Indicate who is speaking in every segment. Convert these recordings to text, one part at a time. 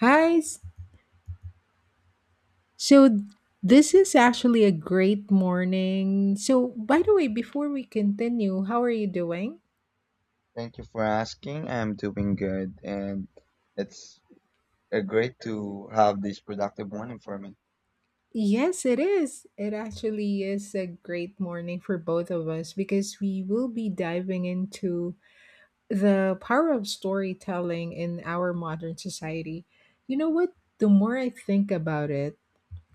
Speaker 1: Hi. So this is actually a great morning. So by the way, before we continue, how are you doing?
Speaker 2: Thank you for asking. I'm doing good, and it's great to have this productive morning for me.
Speaker 1: Yes, it is. It actually is a great morning for both of us because we will be diving into the power of storytelling in our modern society. You know what? The more I think about it,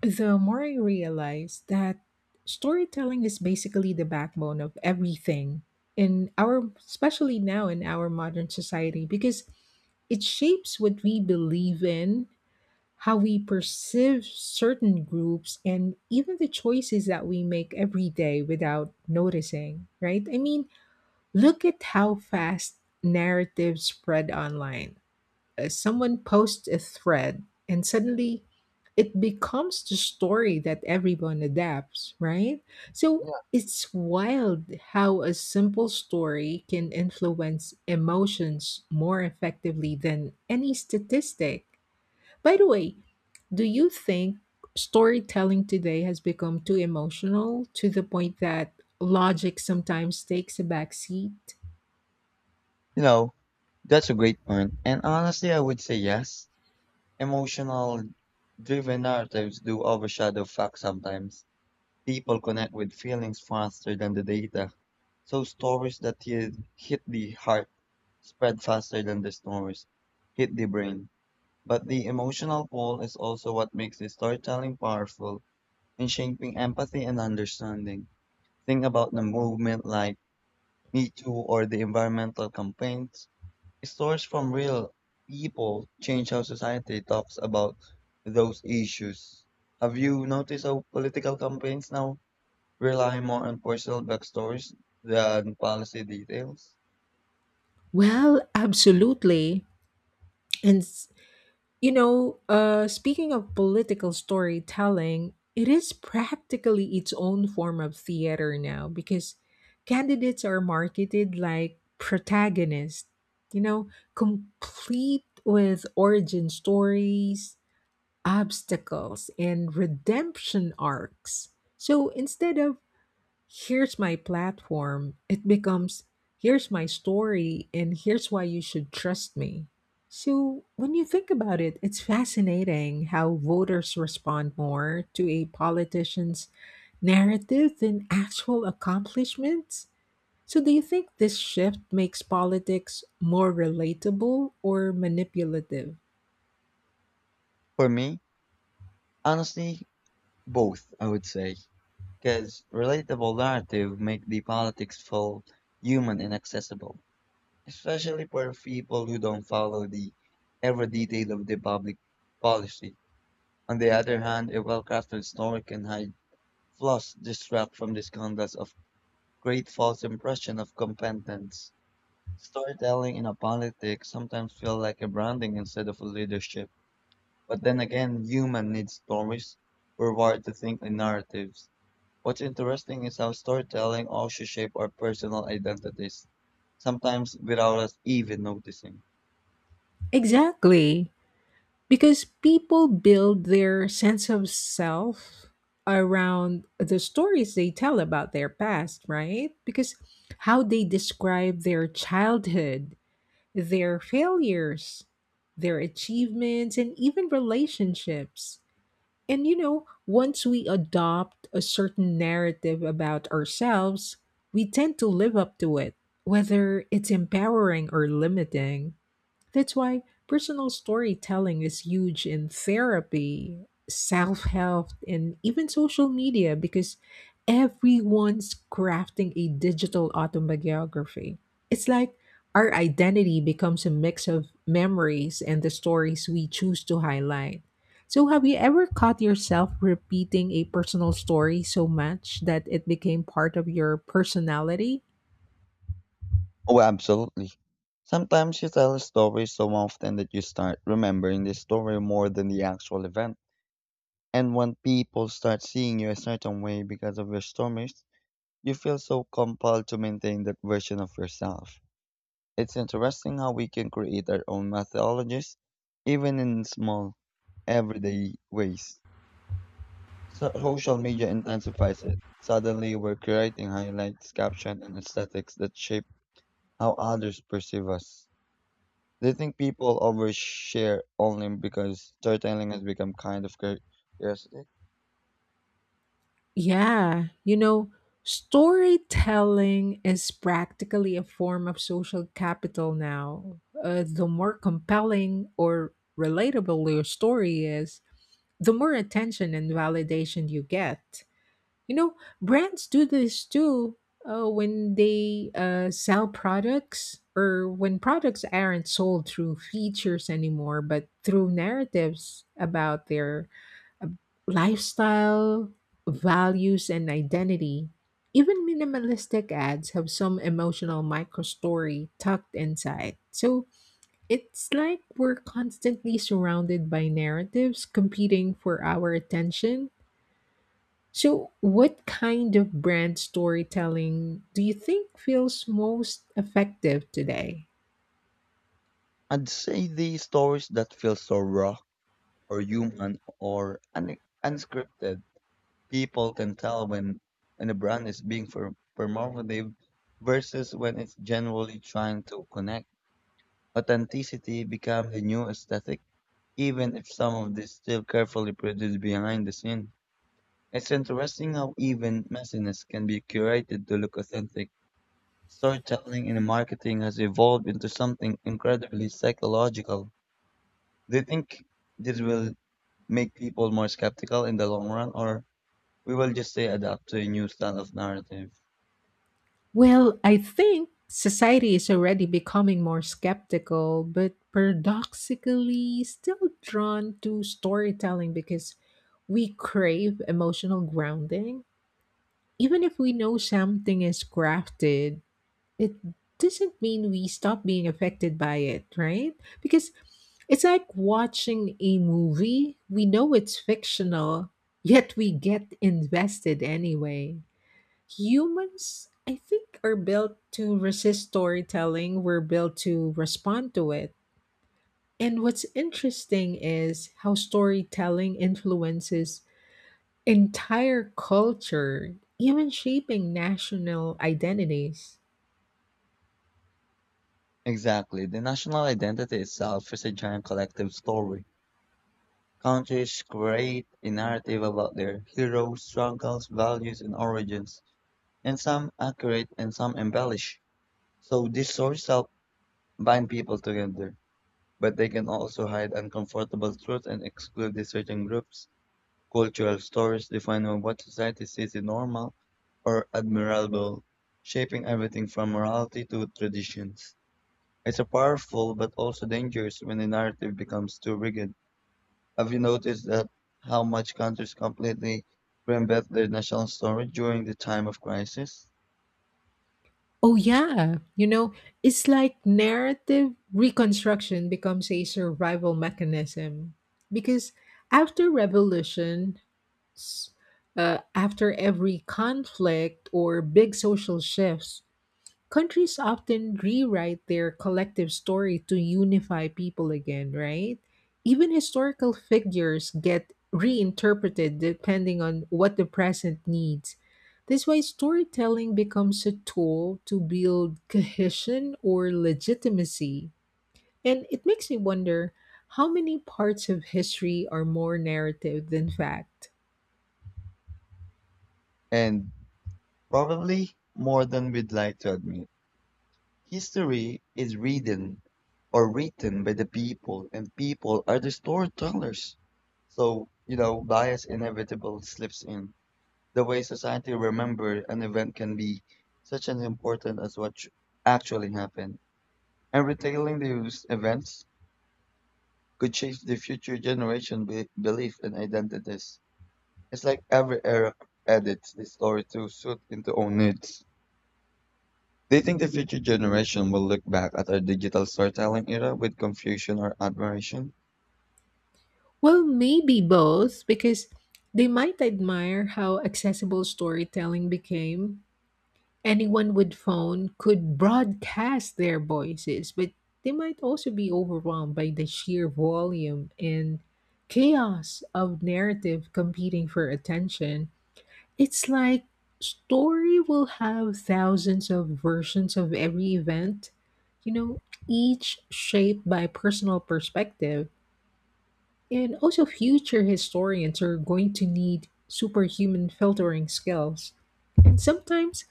Speaker 1: the more I realize that storytelling is basically the backbone of everything in especially now in our modern society, because it shapes what we believe in, how we perceive certain groups, and even the choices that we make every day without noticing, right? I mean, look at how fast narratives spread online. Someone posts a thread and suddenly it becomes the story that everyone adapts, right? So
Speaker 2: Yeah.
Speaker 1: it's wild how a simple story can influence emotions more effectively than any statistic. By the way, do you think storytelling today has become too emotional to the point that logic sometimes takes a back seat?
Speaker 2: You know, that's a great point. And honestly, I would say yes. Emotional driven narratives do overshadow facts sometimes. People connect with feelings faster than the data. So stories that hit the heart spread faster than the stories hit the brain. But the emotional pull is also what makes the storytelling powerful and shaping empathy and understanding. Think about the movement like Me Too or the environmental campaigns. Stories from real people change how society talks about those issues. Have you noticed how political campaigns now rely more on personal backstories than policy details?
Speaker 1: Well, absolutely. And s- You know, speaking of political storytelling, it is practically its own form of theater now because candidates are marketed like protagonists, you know, complete with origin stories, obstacles, and redemption arcs. So instead of here's my platform, it becomes here's my story and here's why you should trust me. So, when you think about it, it's fascinating how voters respond more to a politician's narrative than actual accomplishments. So, do you think this shift makes politics more relatable or manipulative?
Speaker 2: For me, honestly, both, I would say. Because relatable narrative make the politics feel human and accessible especially for people who don't follow the every detail of the public policy. On the other hand, a well-crafted story can hide flaws, distract from this context of great false impression of competence. Storytelling in a politics sometimes feel like a branding instead of a leadership. But then again, human needs stories. We're wired to think in narratives. What's interesting is how storytelling also shape our personal identities, sometimes without us even noticing.
Speaker 1: Exactly. Because people build their sense of self around the stories they tell about their past, right? Because how they describe their childhood, their failures, their achievements, and even relationships. And you know, once we adopt a certain narrative about ourselves, we tend to live up to it, whether it's empowering or limiting. That's why personal storytelling is huge in therapy, self help, and even social media because everyone's crafting a digital autobiography. It's like our identity becomes a mix of memories and the stories we choose to highlight. So, have you ever caught yourself repeating a personal story so much that it became part of your personality?
Speaker 2: Oh, absolutely. Sometimes you tell a story so often that you start remembering the story more than the actual event. And when people start seeing you a certain way because of your stories, you feel so compelled to maintain that version of yourself. It's interesting how we can create our own mythologies, even in small, everyday ways. Social media intensifies it. Suddenly, we're creating highlights, captions, and aesthetics that shape how others perceive us. Do you think people overshare only because storytelling has become kind of curiosity?
Speaker 1: Yeah, you know, storytelling is practically a form of social capital now. The more compelling or relatable your story is, the more attention and validation you get. You know, brands do this too, when they sell products, or when products aren't sold through features anymore, but through narratives about their lifestyle, values, and identity. Even minimalistic ads have some emotional microstory tucked inside. So it's like we're constantly surrounded by narratives competing for our attention. So, what kind of brand storytelling do you think feels most effective today?
Speaker 2: I'd say the stories that feel so raw or human or unscripted, people can tell when a brand is being performative versus when it's generally trying to connect. Authenticity becomes the new aesthetic, even if some of this still carefully produced behind the scene. It's interesting how even messiness can be curated to look authentic. Storytelling in marketing has evolved into something incredibly psychological. Do you think this will make people more skeptical in the long run, or we will just say adapt to a new style of narrative?
Speaker 1: Well, I think society is already becoming more skeptical, but paradoxically still drawn to storytelling because we crave emotional grounding. Even if we know something is crafted, it doesn't mean we stop being affected by it, right? Because it's like watching a movie. We know it's fictional, yet we get invested anyway. Humans, I think, are built to resist storytelling. We're built to respond to it. And what's interesting is how storytelling influences entire culture, even shaping national identities.
Speaker 2: Exactly. The national identity itself is a giant collective story. Countries create a narrative about their heroes, struggles, values, and origins, and some accurate and some embellish. So these stories help bind people together, but they can also hide uncomfortable truths and exclude these certain groups. Cultural stories define what society sees as normal or admirable, shaping everything from morality to traditions. It's a powerful but also dangerous when the narrative becomes too rigid. Have you noticed that how much countries completely reinvent their national story during the time of crisis?
Speaker 1: Oh, yeah. You know, it's like narrative reconstruction becomes a survival mechanism. Because after revolution, s- after every conflict or big social shifts, countries often rewrite their collective story to unify people again, right? Even historical figures get reinterpreted depending on what the present needs. This way, storytelling becomes a tool to build cohesion or legitimacy. And it makes me wonder how many parts of history are more narrative than fact?
Speaker 2: And probably more than we'd like to admit. History is reading or written by the people, and people are the storytellers. So, you know, bias inevitable slips in. The way society remembered an event can be such an important as what actually happened. And retailing these events could change the future generation belief and identities. It's like every era edits the story to suit into own needs. Do you think the future generation will look back at our digital storytelling era with confusion or admiration?
Speaker 1: Well, maybe both, because they might admire how accessible storytelling became. Anyone with phone could broadcast their voices, but they might also be overwhelmed by the sheer volume and chaos of narrative competing for attention. It's like story will have thousands of versions of every event, you know, each shaped by personal perspective, and also, future historians are going to need superhuman filtering skills. And sometimes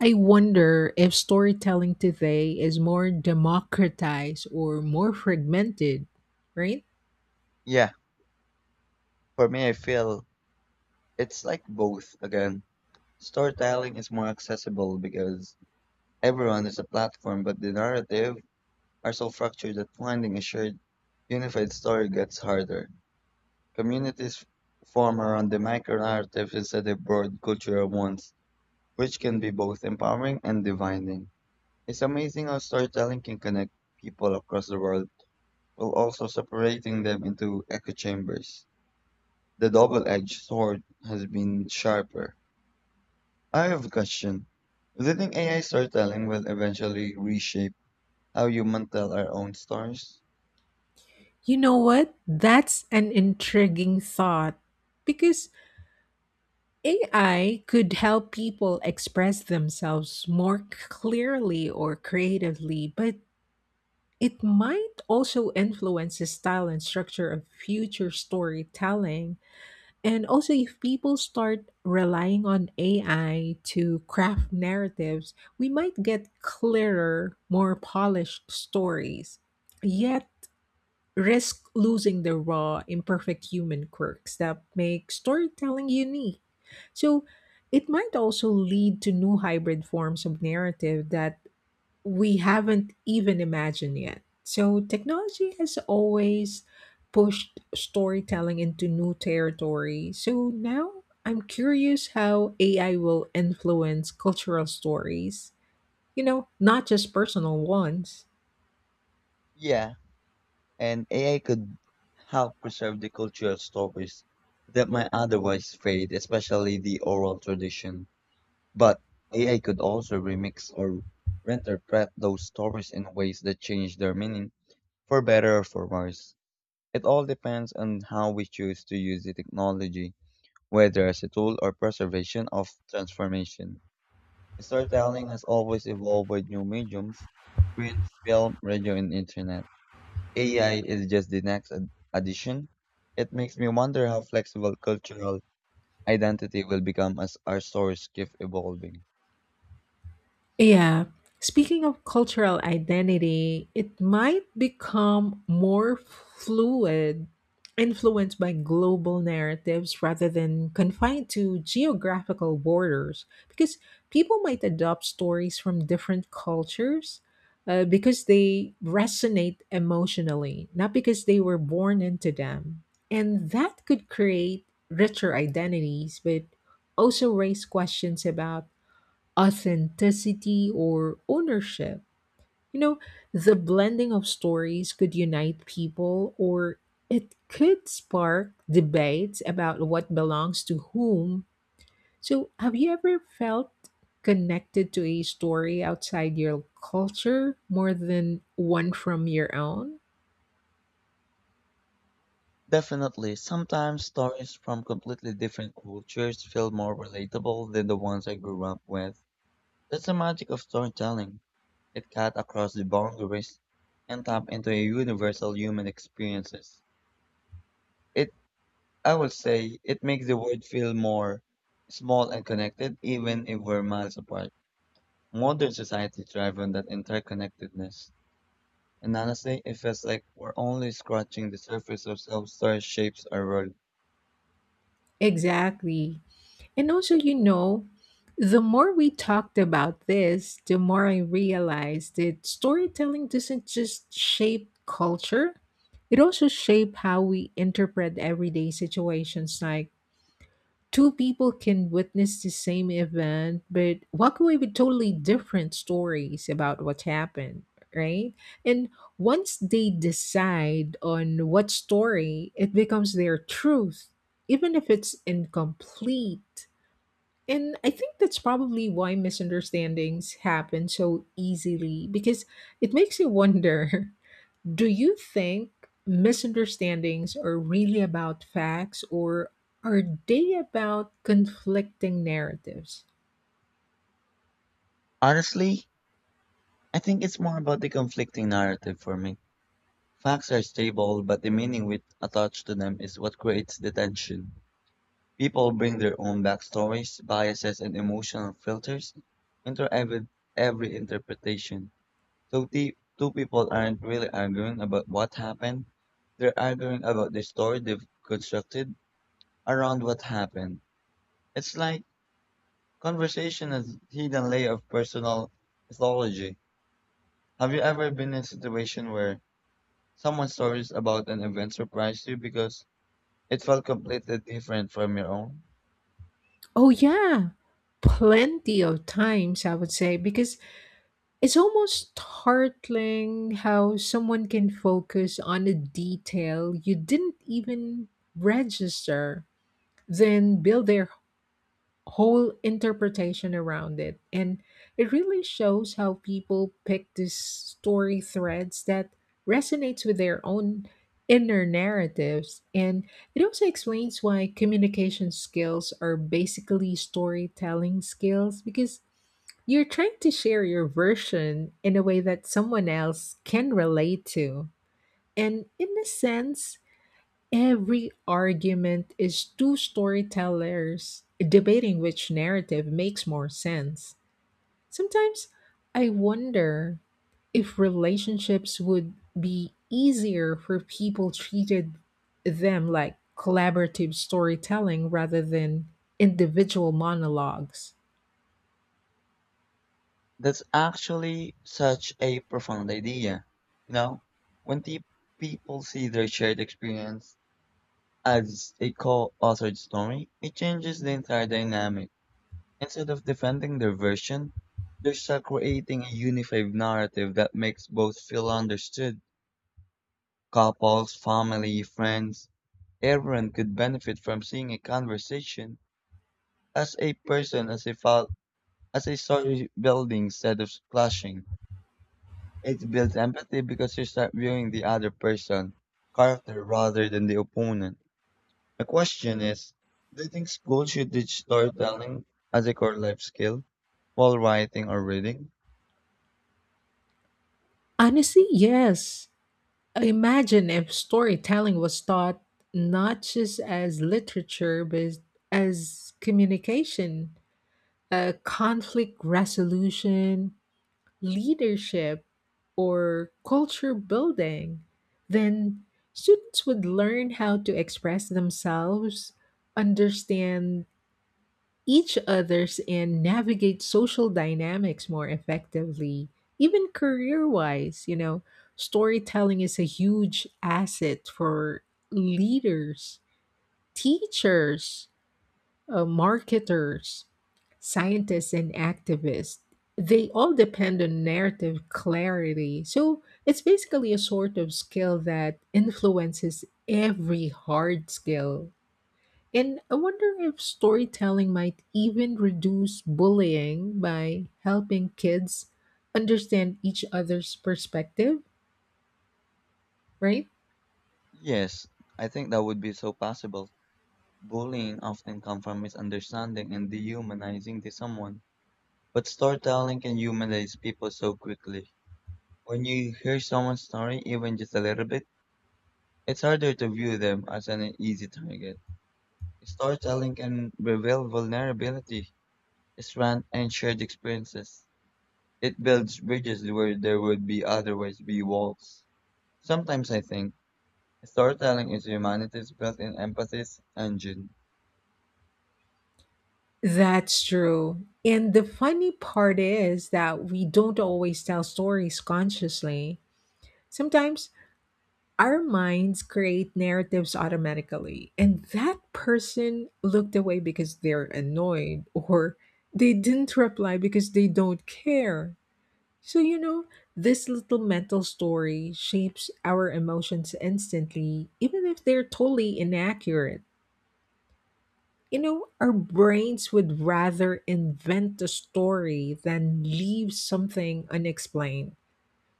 Speaker 1: I wonder if storytelling today is more democratized or more fragmented, right?
Speaker 2: Yeah, for me, I feel it's like both again. Storytelling is more accessible because everyone is a platform, but the narrative are so fractured that finding a shared, unified story gets harder. Communities form around the micro narratives instead of broad cultural ones, which can be both empowering and dividing. It's amazing how storytelling can connect people across the world while also separating them into echo chambers. The double-edged sword has been sharper. I have a question. Do you think AI storytelling will eventually reshape how humans tell our own stories?
Speaker 1: You know what? That's an intriguing thought because AI could help people express themselves more clearly or creatively, but it might also influence the style and structure of future storytelling. And also, if people start relying on AI to craft narratives, we might get clearer, more polished stories, yet risk losing the raw, imperfect human quirks that make storytelling unique. So, it might also lead to new hybrid forms of narrative that we haven't even imagined yet. So, technology has always pushed storytelling into new territory. So, now I'm curious how AI will influence cultural stories, you know, not just personal ones.
Speaker 2: Yeah, and AI could help preserve the cultural stories that might otherwise fade, especially the oral tradition. But AI could also remix or reinterpret those stories in ways that change their meaning for better or for worse. It all depends on how we choose to use the technology, whether as a tool or preservation of transformation. Storytelling has always evolved with new mediums print, film, radio, and internet. AI is just the next addition. It makes me wonder how flexible cultural identity will become as our stories keep evolving.
Speaker 1: Yeah. Speaking of cultural identity, it might become more fluid, influenced by global narratives rather than confined to geographical borders, because people might adopt stories from different cultures, because they resonate emotionally, not because they were born into them. And that could create richer identities, but also raise questions about authenticity or ownership. You know, the blending of stories could unite people, or it could spark debates about what belongs to whom. So, have you ever felt connected to a story outside your culture more than one from your own?
Speaker 2: Definitely, sometimes stories from completely different cultures feel more relatable than the ones I grew up with. That's the magic of storytelling. It cut across the boundaries and tapped into a universal human experiences. It, I would say, it makes the world feel more small and connected, even if we're miles apart. Modern society thrives on that interconnectedness. And honestly, it feels like we're only scratching the surface of self-story shapes our world.
Speaker 1: Exactly. And also, you know, the more we talked about this, the more I realized that storytelling doesn't just shape culture, it also shapes how we interpret everyday situations. Like, two people can witness the same event, but walk away with totally different stories about what happened, right? And once they decide on what story, it becomes their truth, even if it's incomplete. And I think that's probably why misunderstandings happen so easily, because it makes you wonder do you think misunderstandings are really about facts, or are they about conflicting narratives?
Speaker 2: Honestly, I think it's more about the conflicting narrative for me. Facts are stable, but the meaning we attach to them is what creates the tension. People bring their own backstories, biases, and emotional filters into every interpretation. So the two people aren't really arguing about what happened. They're arguing about the story they've constructed around what happened. It's like conversation is hidden layer of personal mythology. Have you ever been in a situation where someone's stories about an event surprised you because it felt completely different from your own?
Speaker 1: Oh, yeah. Plenty of times, I would say, because it's almost startling how someone can focus on a detail you didn't even register, then build their whole interpretation around it. And it really shows how people pick these story threads that resonates with their own inner narratives. And it also explains why communication skills are basically storytelling skills, because you're trying to share your version in a way that someone else can relate to. And in a sense, every argument is two storytellers debating which narrative makes more sense. Sometimes I wonder if relationships would be easier for people treated them like collaborative storytelling rather than individual monologues.
Speaker 2: That's actually such a profound idea. You know, when the people see their shared experience as a co-authored story, it changes the entire dynamic. Instead of defending their version, they're stuck creating a unified narrative that makes both feel understood. Couples, family, friends, everyone could benefit from seeing a conversation as a person, as a file, as a story building instead of clashing. It builds empathy because you start viewing the other person, character rather than the opponent. The question is, do you think school should teach storytelling as a core life skill while writing or reading?
Speaker 1: Honestly, yes. Imagine if storytelling was taught not just as literature, but as communication, conflict resolution, leadership, or culture building. Then students would learn how to express themselves, understand each other's, and navigate social dynamics more effectively. Even career wise, you know, storytelling is a huge asset for leaders, teachers, marketers, scientists, and activists. They all depend on narrative clarity. So it's basically a sort of skill that influences every hard skill. And I wonder if storytelling might even reduce bullying by helping kids understand each other's perspective, right?
Speaker 2: Yes, I think that would be so possible. Bullying often comes from misunderstanding and dehumanizing to someone, but storytelling can humanize people so quickly. When you hear someone's story, even just a little bit, it's harder to view them as an easy target. Storytelling can reveal vulnerability, strength, and shared experiences. It builds bridges where there would be otherwise be walls. Sometimes I think storytelling is humanity's built-in empathy engine.
Speaker 1: That's true. And the funny part is that we don't always tell stories consciously. Sometimes our minds create narratives automatically, and that person looked away because they're annoyed, or they didn't reply because they don't care. So, you know, this little mental story shapes our emotions instantly, even if they're totally inaccurate. You know, our brains would rather invent a story than leave something unexplained.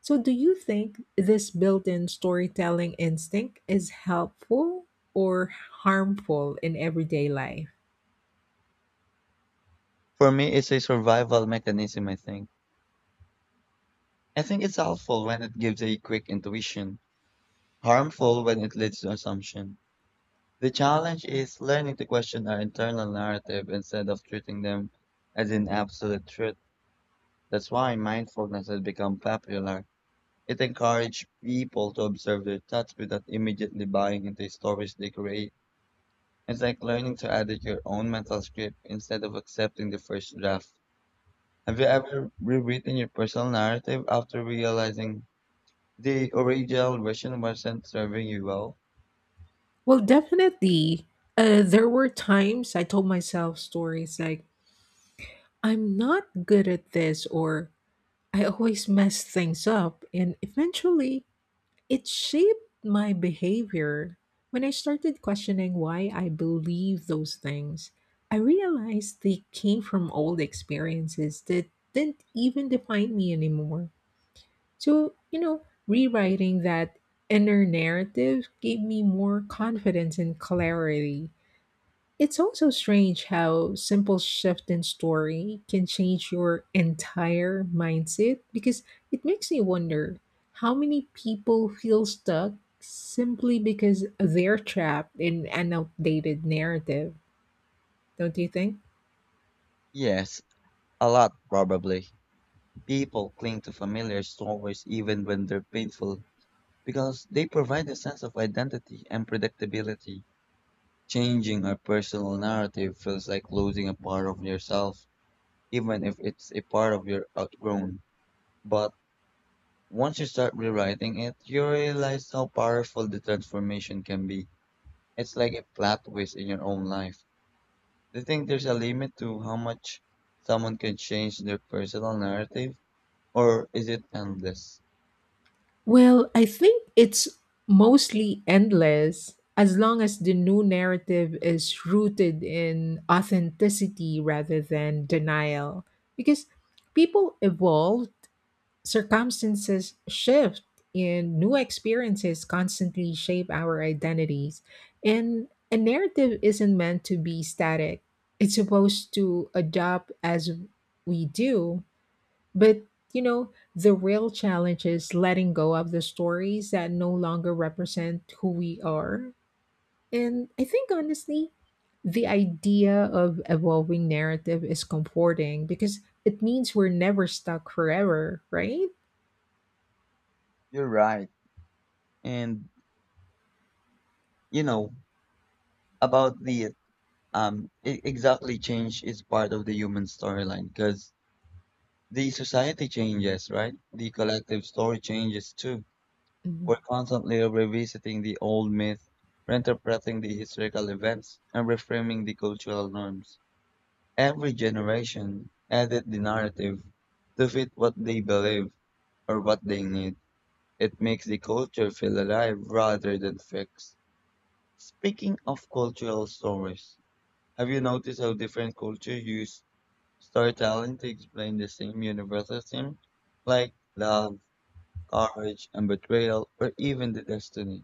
Speaker 1: So, do you think this built in storytelling instinct is helpful or harmful in everyday life?
Speaker 2: For me, it's a survival mechanism, I think. I think it's helpful when it gives a quick intuition, harmful when it leads to assumption. The challenge is learning to question our internal narrative instead of treating them as an absolute truth. That's why mindfulness has become popular. It encourages people to observe their thoughts without immediately buying into the stories they create. It's like learning to edit your own mental script instead of accepting the first draft. Have you ever rewritten your personal narrative after realizing the original version wasn't serving you well?
Speaker 1: Well, definitely. There were times I told myself stories like, I'm not good at this, or I always mess things up. And eventually, it shaped my behavior. When I started questioning why I believe those things, I realized they came from old experiences that didn't even define me anymore. So, you know, rewriting that inner narrative gave me more confidence and clarity. It's also strange how simple shift in story can change your entire mindset, because it makes me wonder how many people feel stuck simply because they're trapped in an outdated narrative, don't you think?
Speaker 2: Yes, a lot probably. People cling to familiar stories even when they're painful because they provide a sense of identity and predictability. Changing a personal narrative feels like losing a part of yourself, even if it's a part of your outgrown. But once you start rewriting it, you realize how powerful the transformation can be. It's like a plot twist in your own life. Do you think there's a limit to how much someone can change their personal narrative, or is it endless?
Speaker 1: Well, I think it's mostly endless as long as the new narrative is rooted in authenticity rather than denial, because people evolve. Circumstances shift, and new experiences constantly shape our identities. And a narrative isn't meant to be static, it's supposed to adapt as we do. But, you know, the real challenge is letting go of the stories that no longer represent who we are. And I think, honestly, the idea of evolving narrative is comforting because it means we're never stuck forever, right?
Speaker 2: You're right. And, you know, about the exactly change is part of the human storyline because the society changes, right? The collective story changes too. We're
Speaker 1: Mhm.
Speaker 2: constantly revisiting the old myth, reinterpreting the historical events, and reframing the cultural norms. Every generation edits the narrative to fit what they believe or what they need. It makes the culture feel alive rather than fixed. Speaking of cultural stories, have you noticed how different cultures use storytelling to explain the same universal theme? Like love, courage, and betrayal, or even the destiny.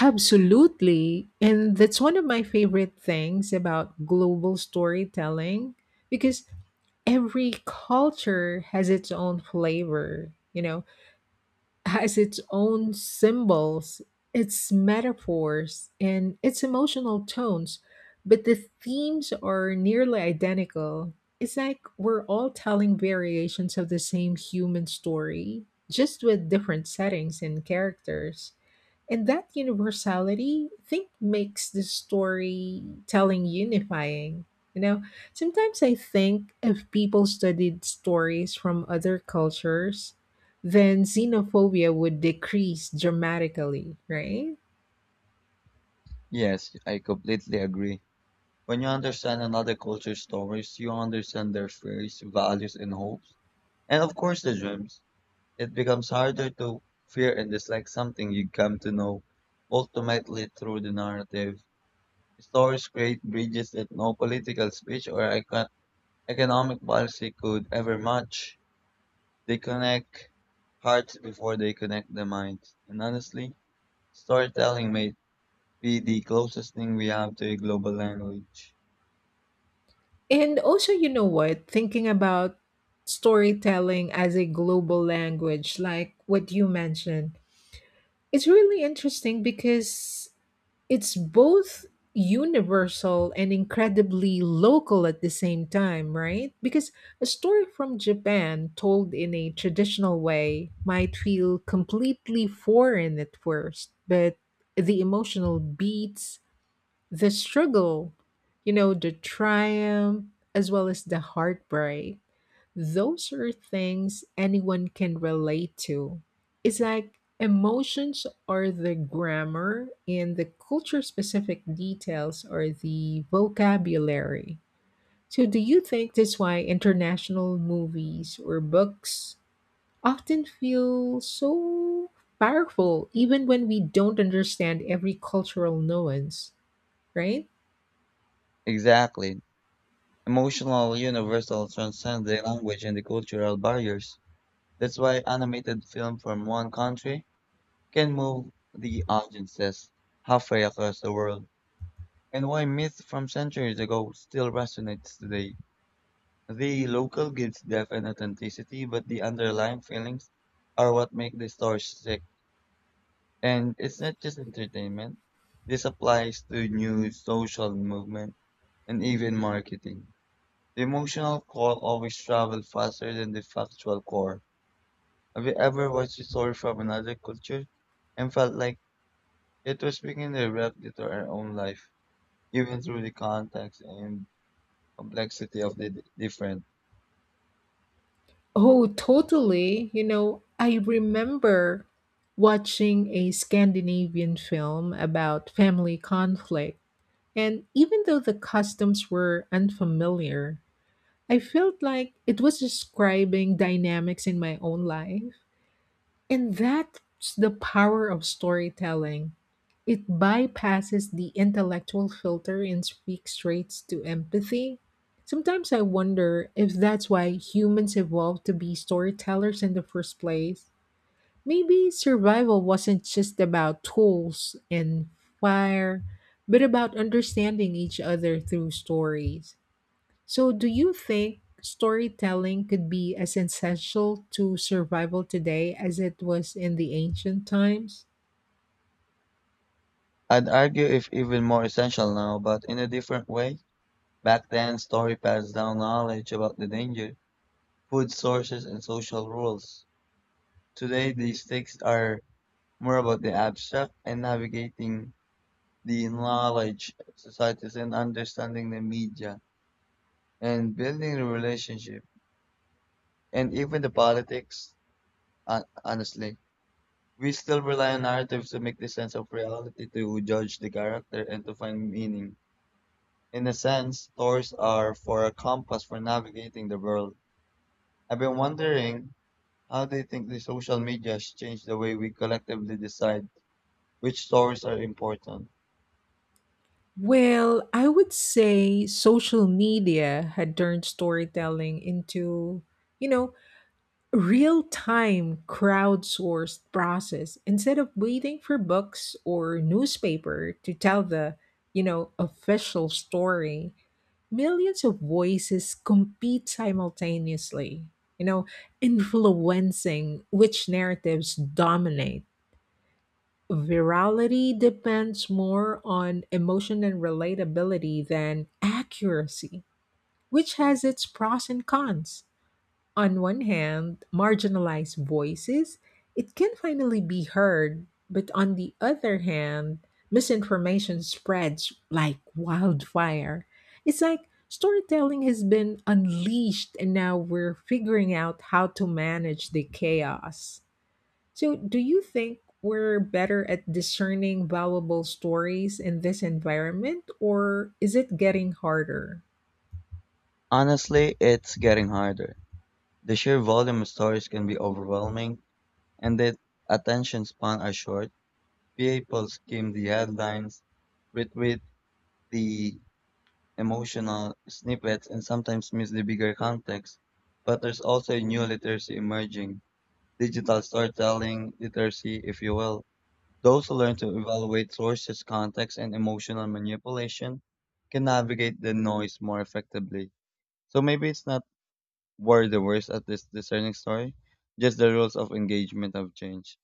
Speaker 1: Absolutely. And that's one of my favorite things about global storytelling, because every culture has its own flavor, you know, has its own symbols, its metaphors, and its emotional tones. But the themes are nearly identical. It's like we're all telling variations of the same human story, just with different settings and characters. And that universality, I think, makes the storytelling unifying. You know, sometimes I think if people studied stories from other cultures, then xenophobia would decrease dramatically, right?
Speaker 2: Yes, I completely agree. When you understand another culture's stories, you understand their fears, values, and hopes, and of course the dreams. It becomes harder to fear and dislike something you come to know ultimately through the narrative. Stories create bridges that no political speech or economic policy could ever match. They connect hearts before they connect the minds. And honestly, storytelling may be the closest thing we have to a global language.
Speaker 1: And also, you know what? Thinking about storytelling as a global language, like what you mentioned, it's really interesting because it's both universal and incredibly local at the same time, right? Because a story from Japan told in a traditional way might feel completely foreign at first, but the emotional beats, the struggle, you know, the triumph, as well as the heartbreak, those are things anyone can relate to. It's like emotions are the grammar and the culture specific details are the vocabulary. So, do you think that's why international movies or books often feel so powerful, even when we don't understand every cultural nuance, right?
Speaker 2: Exactly. Emotional, universal, transcend the language and the cultural barriers. That's why animated film from one country can move the audiences halfway across the world, and why myth from centuries ago still resonates today. The local gives depth and authenticity, but the underlying feelings are what make the story sick. And it's not just entertainment. This applies to new social movement and even marketing. The emotional core always travels faster than the factual core. Have you ever watched a story from another culture and felt like it was speaking directly to our own life, even through the context and complexity of the different?
Speaker 1: Oh, totally. You know, I remember watching a Scandinavian film about family conflict. And even though the customs were unfamiliar, I felt like it was describing dynamics in my own life. And that's the power of storytelling. It bypasses the intellectual filter and speaks straight to empathy. Sometimes I wonder if that's why humans evolved to be storytellers in the first place. Maybe survival wasn't just about tools and fire, but about understanding each other through stories. So, do you think storytelling could be as essential to survival today as it was in the ancient times?
Speaker 2: I'd argue if even more essential now, but in a different way. Back then, story passed down knowledge about the danger, food sources, and social rules. Today, these texts are more about the abstract and navigating the knowledge of societies and understanding the media and building a relationship and even the politics. Honestly, we still rely on narratives to make the sense of reality, to judge the character, and to find meaning. In a sense, stories are for a compass for navigating the world. I've been wondering how they think the social media has changed the way we collectively decide which stories are important.
Speaker 1: Well, I would say social media had turned storytelling into, you know, a real time crowdsourced process instead of waiting for books or newspaper to tell the, you know, official story. Millions of voices compete simultaneously, you know, influencing which narratives dominate. Virality depends more on emotion and relatability than accuracy, which has its pros and cons. On one hand, marginalized voices, it can finally be heard, but on the other hand, misinformation spreads like wildfire. It's like storytelling has been unleashed and now we're figuring out how to manage the chaos. So, do you think we're better at discerning valuable stories in this environment, or is it getting harder?
Speaker 2: Honestly, it's getting harder. The sheer volume of stories can be overwhelming, and that attention span are short, people skim the headlines, retweet the emotional snippets, and sometimes miss the bigger context. But there's also a new literacy emerging, digital storytelling literacy, if you will. Those who learn to evaluate sources, context, and emotional manipulation can navigate the noise more effectively. So maybe it's not were the worst at this discerning story. Just the rules of engagement have changed.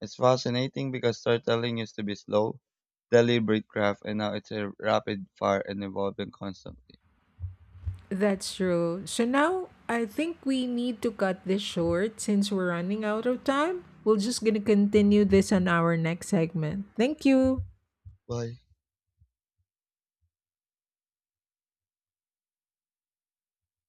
Speaker 2: It's fascinating because storytelling used to be slow, deliberate craft, and now it's a rapid fire and evolving constantly.
Speaker 1: That's true. So now I think we need to cut this short since we're running out of time. We're just going to continue this on our next segment. Thank you.
Speaker 2: Why?